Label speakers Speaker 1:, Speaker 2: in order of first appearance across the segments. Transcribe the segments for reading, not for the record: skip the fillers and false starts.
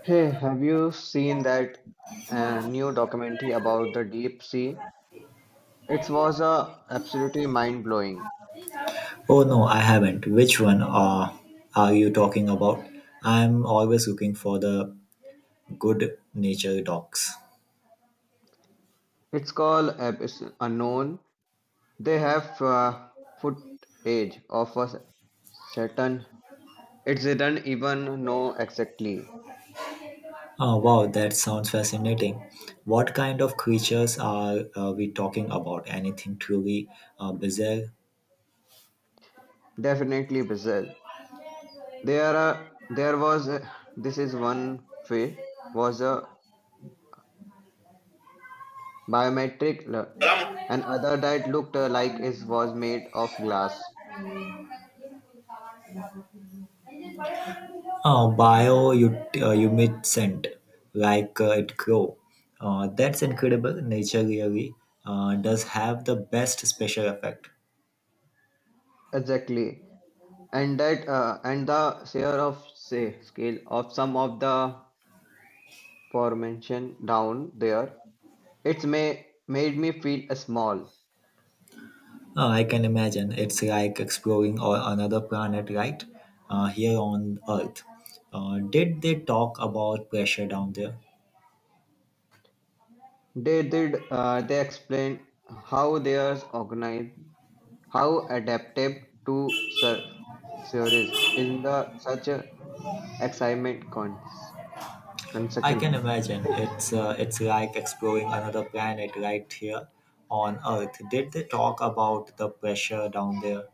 Speaker 1: Hey, have you seen that new documentary about the deep sea? It was absolutely mind-blowing.
Speaker 2: Oh no, I haven't. Which one are you talking about? I'm always looking for the good nature docs.
Speaker 1: It's called Abyss Unknown. They have footage of a Saturn. It didn't even know exactly.
Speaker 2: Oh wow, that sounds fascinating. What kind of creatures are we talking about? Anything truly bizarre?
Speaker 1: Definitely bizarre. There was this is one fish was a biometric, and other that looked like it was made of glass.
Speaker 2: Humidescent, like it grow. That's incredible. Nature really does have the best special effect.
Speaker 1: Exactly. And the share of say scale of some of the aforementioned down there it's may made me feel small.
Speaker 2: I can imagine. It's like exploring or another planet, right? Here on Earth. Did they talk about pressure down there?
Speaker 1: They did, they explained how they are organized, how adaptive to serve series in the such a excitement
Speaker 2: I
Speaker 1: construction.
Speaker 2: can imagine.
Speaker 1: It-
Speaker 2: It's like exploring another planet right here on Earth. Did they talk about the pressure down there?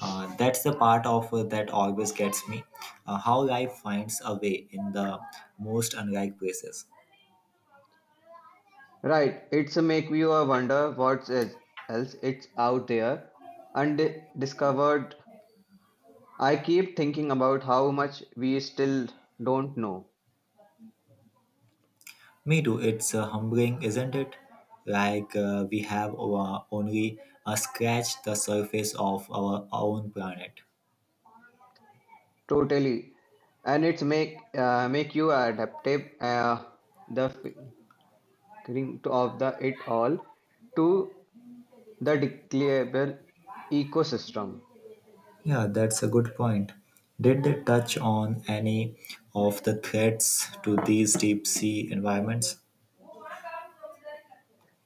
Speaker 2: That's the part of that always gets me. How life finds a way in the most unlike places.
Speaker 1: right, it's a make you a wonder what is else it's out there and discovered. I keep thinking about how much we still don't know.
Speaker 2: Me too. It's humbling, isn't it? Like we have our only scratched the surface of our own planet.
Speaker 1: Totally, and it's make make you adaptive, the figuring of the it all to the declarable ecosystem.
Speaker 2: Yeah, that's a good point. Did they touch on any of the threats to these deep sea environments?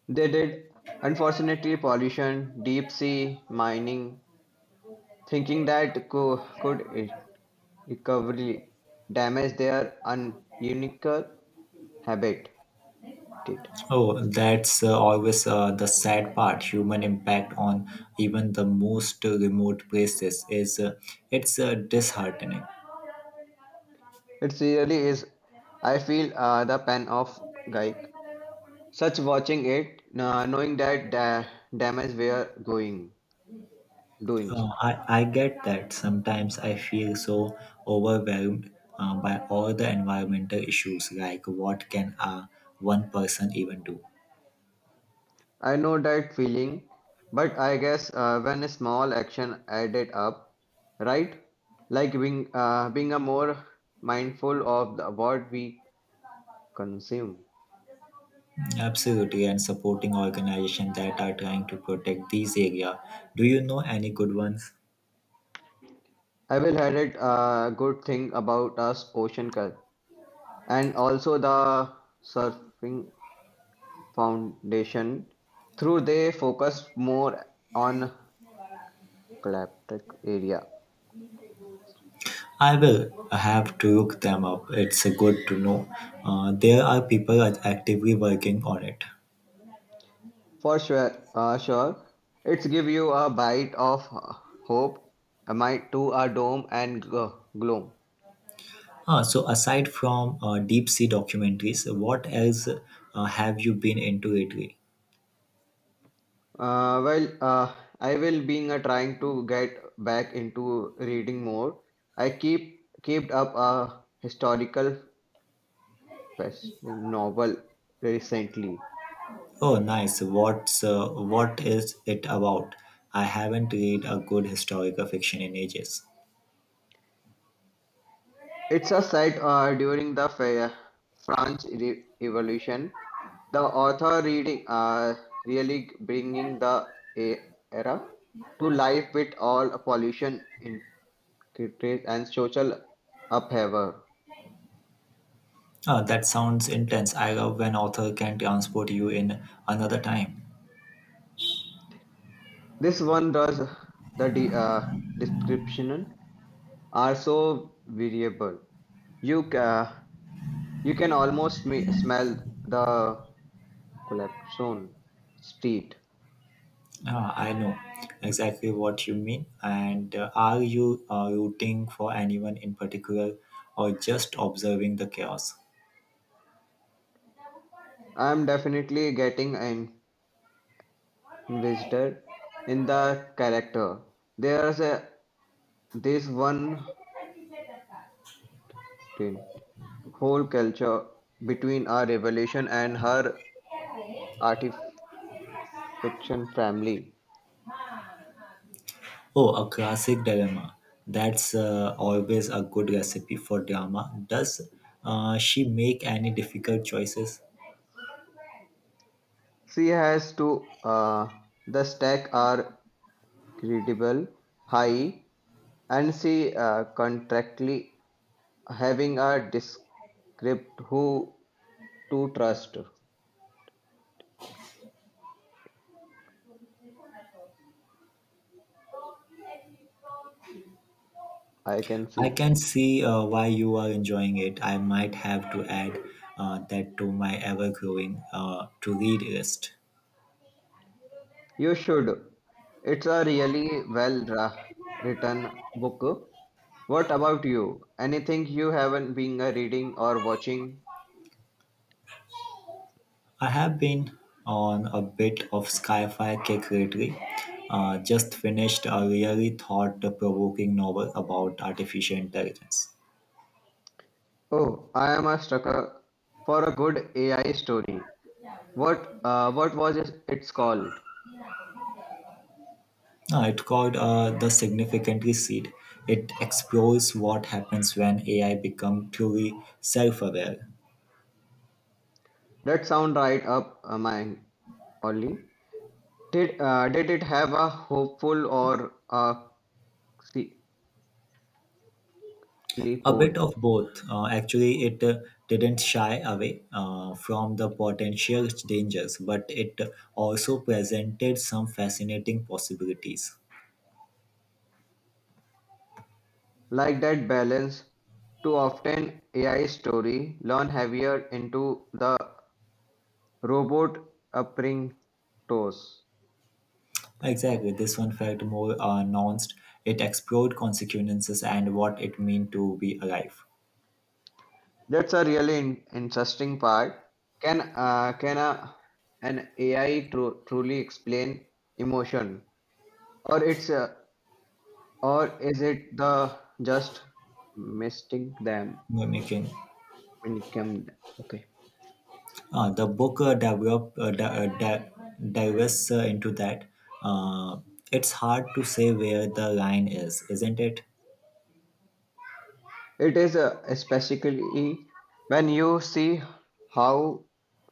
Speaker 1: They did, unfortunately, pollution, deep sea mining, thinking that could e, recovery damage their unique habit.
Speaker 2: Oh, that's always the sad part. Human impact on even the most remote places is it's disheartening.
Speaker 1: It really is. I feel the pain of Gaik. Such watching it, knowing that damage we are going doing.
Speaker 2: Uh,
Speaker 1: Sorry,
Speaker 2: I, I get that. Sometimes I feel so overwhelmed by all the environmental issues, like what can one person even do?
Speaker 1: I know that feeling, but I guess when a small action added up, right? Like being a more mindful of the, what we consume.
Speaker 2: Absolutely, and supporting organizations that are trying to protect these area. Do you know any good ones?
Speaker 1: I will highlight a good thing about us ocean culture and also the surfing Foundation. Through they focused more on Galactic area.
Speaker 2: I will have to look them up. It's good to know. There are people are actively working on it.
Speaker 1: For sure, it's give you a bite of hope amid to a dome and gloom.
Speaker 2: Ah, so aside from deep sea documentaries, what else have you been into lately?
Speaker 1: Well, I will being trying to get back into reading more. I keep kept up a historical wrestling novel recently.
Speaker 2: Oh, nice. What is it about? I haven't read a good historical fiction in ages.
Speaker 1: It's a set during the French Revolution. The author reading, really bringing the e- era to life with all pollution, intricacies, and social upheaval.
Speaker 2: Oh, that sounds intense. I love when author can transport you in another time.
Speaker 1: This one does the description are so variable. You ca- you can almost smell the collapse zone street.
Speaker 2: Ah, I know exactly what you mean. And are you rooting for anyone in particular, or just observing the chaos?
Speaker 1: I'm definitely invested in the character. There's a this one thing, whole culture between her revelation and her artifiction family.
Speaker 2: Oh, a classic dilemma. That's always a good recipe for drama. Does she make any difficult choices?
Speaker 1: She has to, uh, the stack are credible, high, and she, contractly having a descript who to trust. I can
Speaker 2: I
Speaker 1: see
Speaker 2: can see why you are enjoying it. I might have to add that to my ever growing to read list.
Speaker 1: you should. It's a really well written book. What about you? Anything you haven't been reading or watching?
Speaker 2: I have been on a bit of sci fi kick lately. Just finished a really thought provoking novel about artificial intelligence.
Speaker 1: Oh, I am a sucker for a good AI story. What was it, it's called?
Speaker 2: It's called The Significantly Seed. It explores what happens when AI becomes truly self aware.
Speaker 1: That sound right up my alley. Did it have a hopeful or a sickly
Speaker 2: A
Speaker 1: tone?
Speaker 2: bit of both. Actually, it didn't shy away from the potential dangers, but it also presented some fascinating possibilities.
Speaker 1: Like that balance, too often AI story lean heavier into the robot upbringing toes.
Speaker 2: Exactly, this one felt more nuanced. It explored consequences and what it means to be alive.
Speaker 1: That's a really interesting part. Can an AI truly explain emotion, or it's uh, or is it the just misting them
Speaker 2: Mimicking.
Speaker 1: when it come? Okay,
Speaker 2: The book developed di- di- dives into that. Uh, it's hard to say where the line is, isn't it?
Speaker 1: it is, especially when you see how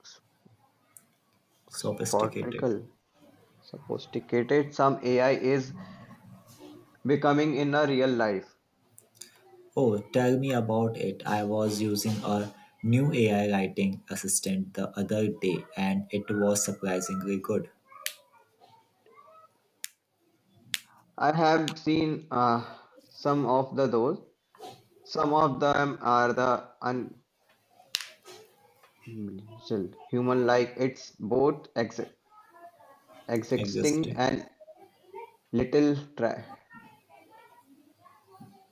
Speaker 1: s-
Speaker 2: Sophisticated.
Speaker 1: spottical, sophisticated some AI is becoming in a real life.
Speaker 2: Oh, tell me about it. I was using a new AI writing assistant the other day and it was surprisingly good.
Speaker 1: I have seen, some of the those. Some of them are the unreal human like, it's both existing
Speaker 2: Existing.
Speaker 1: and little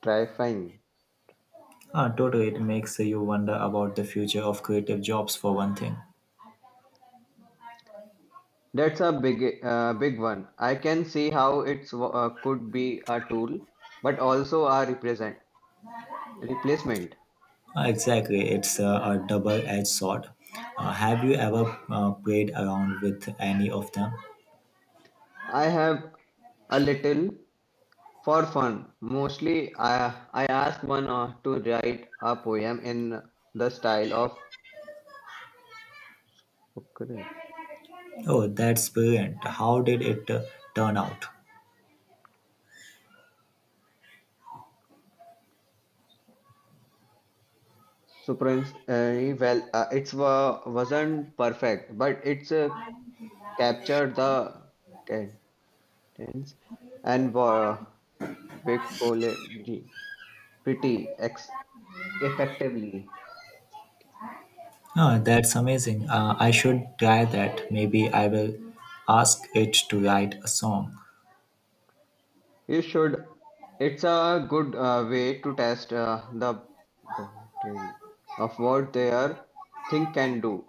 Speaker 1: terrifying.
Speaker 2: Ah, totally. It makes you wonder about the future of creative jobs for one thing.
Speaker 1: That's a big one. I can see how it's, could be a tool, but also a represent replacement.
Speaker 2: Exactly. It's a double-edged sword. Have you ever played around with any of them?
Speaker 1: I have a little for fun. Mostly, I ask one to write a poem in the style of
Speaker 2: Oh, that's brilliant. How did it turn out?
Speaker 1: Supreme. Well, it's wa wasn't perfect, but it's captured the tense and wa vocabulary pretty ex effectively.
Speaker 2: Oh,
Speaker 1: Mm.
Speaker 2: that's amazing. I should try that. Maybe I will ask it to write a song.
Speaker 1: You should. It's a good way to test the boundary of what their thing can do.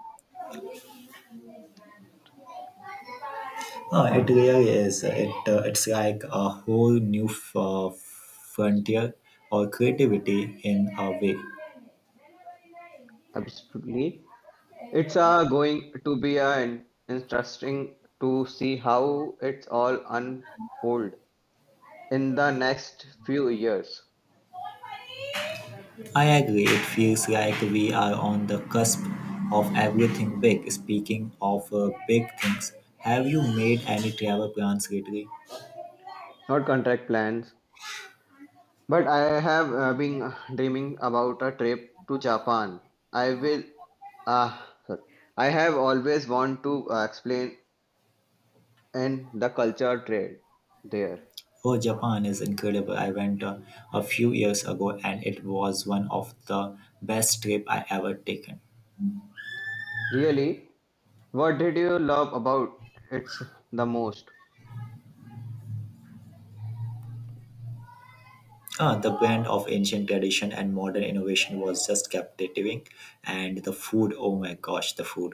Speaker 2: Oh, it really is. It's like a whole new frontier or creativity in a way.
Speaker 1: Absolutely, it's going to be interesting to see how it's all unfold in the next few years.
Speaker 2: I agree. It feels like we are on the cusp of everything big. Speaking of big things, have you made any travel plans lately?
Speaker 1: Not contract plans, but I have been dreaming about a trip to Japan. I will, ah, sorry. I have always want to explain and the culture trade there.
Speaker 2: Oh, Japan is incredible. I went a few years ago and it was one of the best trip I ever taken.
Speaker 1: Really, what did you love about it the most?
Speaker 2: Ah, the blend of ancient tradition and modern innovation was just captivating and the food, oh my gosh, the food.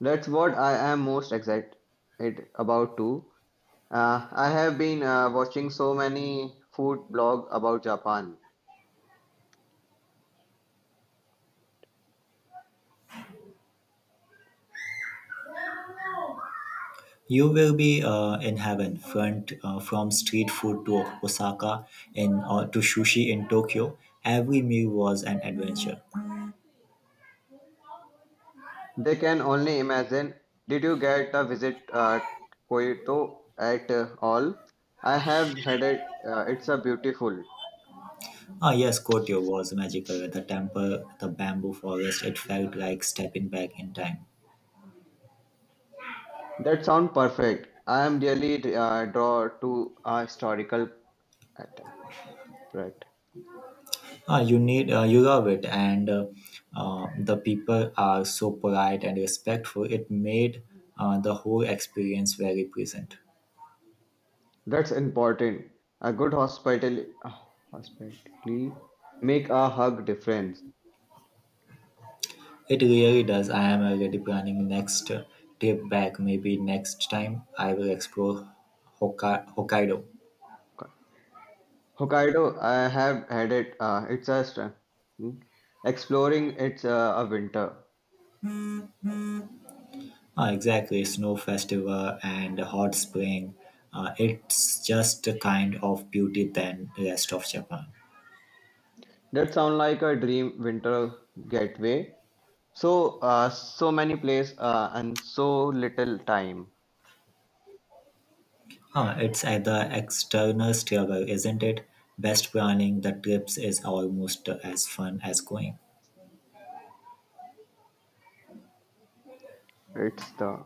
Speaker 1: That's what I am most excited about too. I have been watching so many food blog about Japan.
Speaker 2: You will be in heaven front, from street food to Osaka in, to sushi in Tokyo. Every meal was an adventure.
Speaker 1: They can only imagine. Did you get a visit Kyoto at all? I have had it. It's a beautiful.
Speaker 2: Ah, yes, Kotyo was magical. The temple, the bamboo forest, it felt like stepping back in time.
Speaker 1: That sounds perfect. I am really drawn to a historical at- right.
Speaker 2: You love it, and the people are so polite and respectful. It made the whole experience very pleasant.
Speaker 1: That's important. A good hospital, hospitality make a hug difference.
Speaker 2: It really does. I am already planning next trip back. Maybe next time I will explore Hokkaido.
Speaker 1: Hokkaido, I have had it. It's a hmm. exploring. It's a winter.
Speaker 2: Exactly, snow festival and hot spring. It's just a kind of beauty than rest of Japan.
Speaker 1: That sounds like a dream winter getaway. So many places and so little time.
Speaker 2: Huh, it's at the external stairwell, isn't it? Best planning the trips is almost as fun as going.
Speaker 1: It's the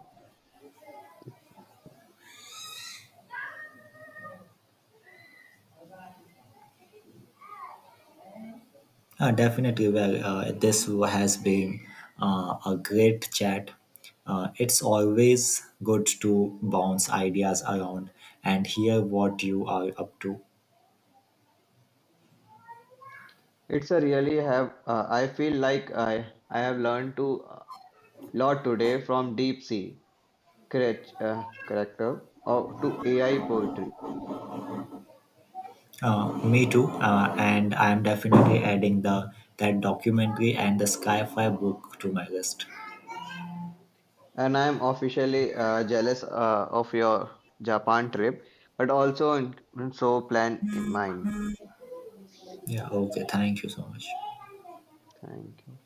Speaker 2: Definitely, well, this has been a great chat. It's always good to bounce ideas around and hear what you are up to.
Speaker 1: it's a really have. I feel like I have learned to, uh, lot today from deep sea correct, character or to AI poetry.
Speaker 2: Me too, and I'm definitely adding the that documentary and the Skyfire book to my list.
Speaker 1: And I'm officially jealous of your Japan trip, but also in, so plan in mind.
Speaker 2: Yeah, okay, thank you so much.
Speaker 1: Thank you.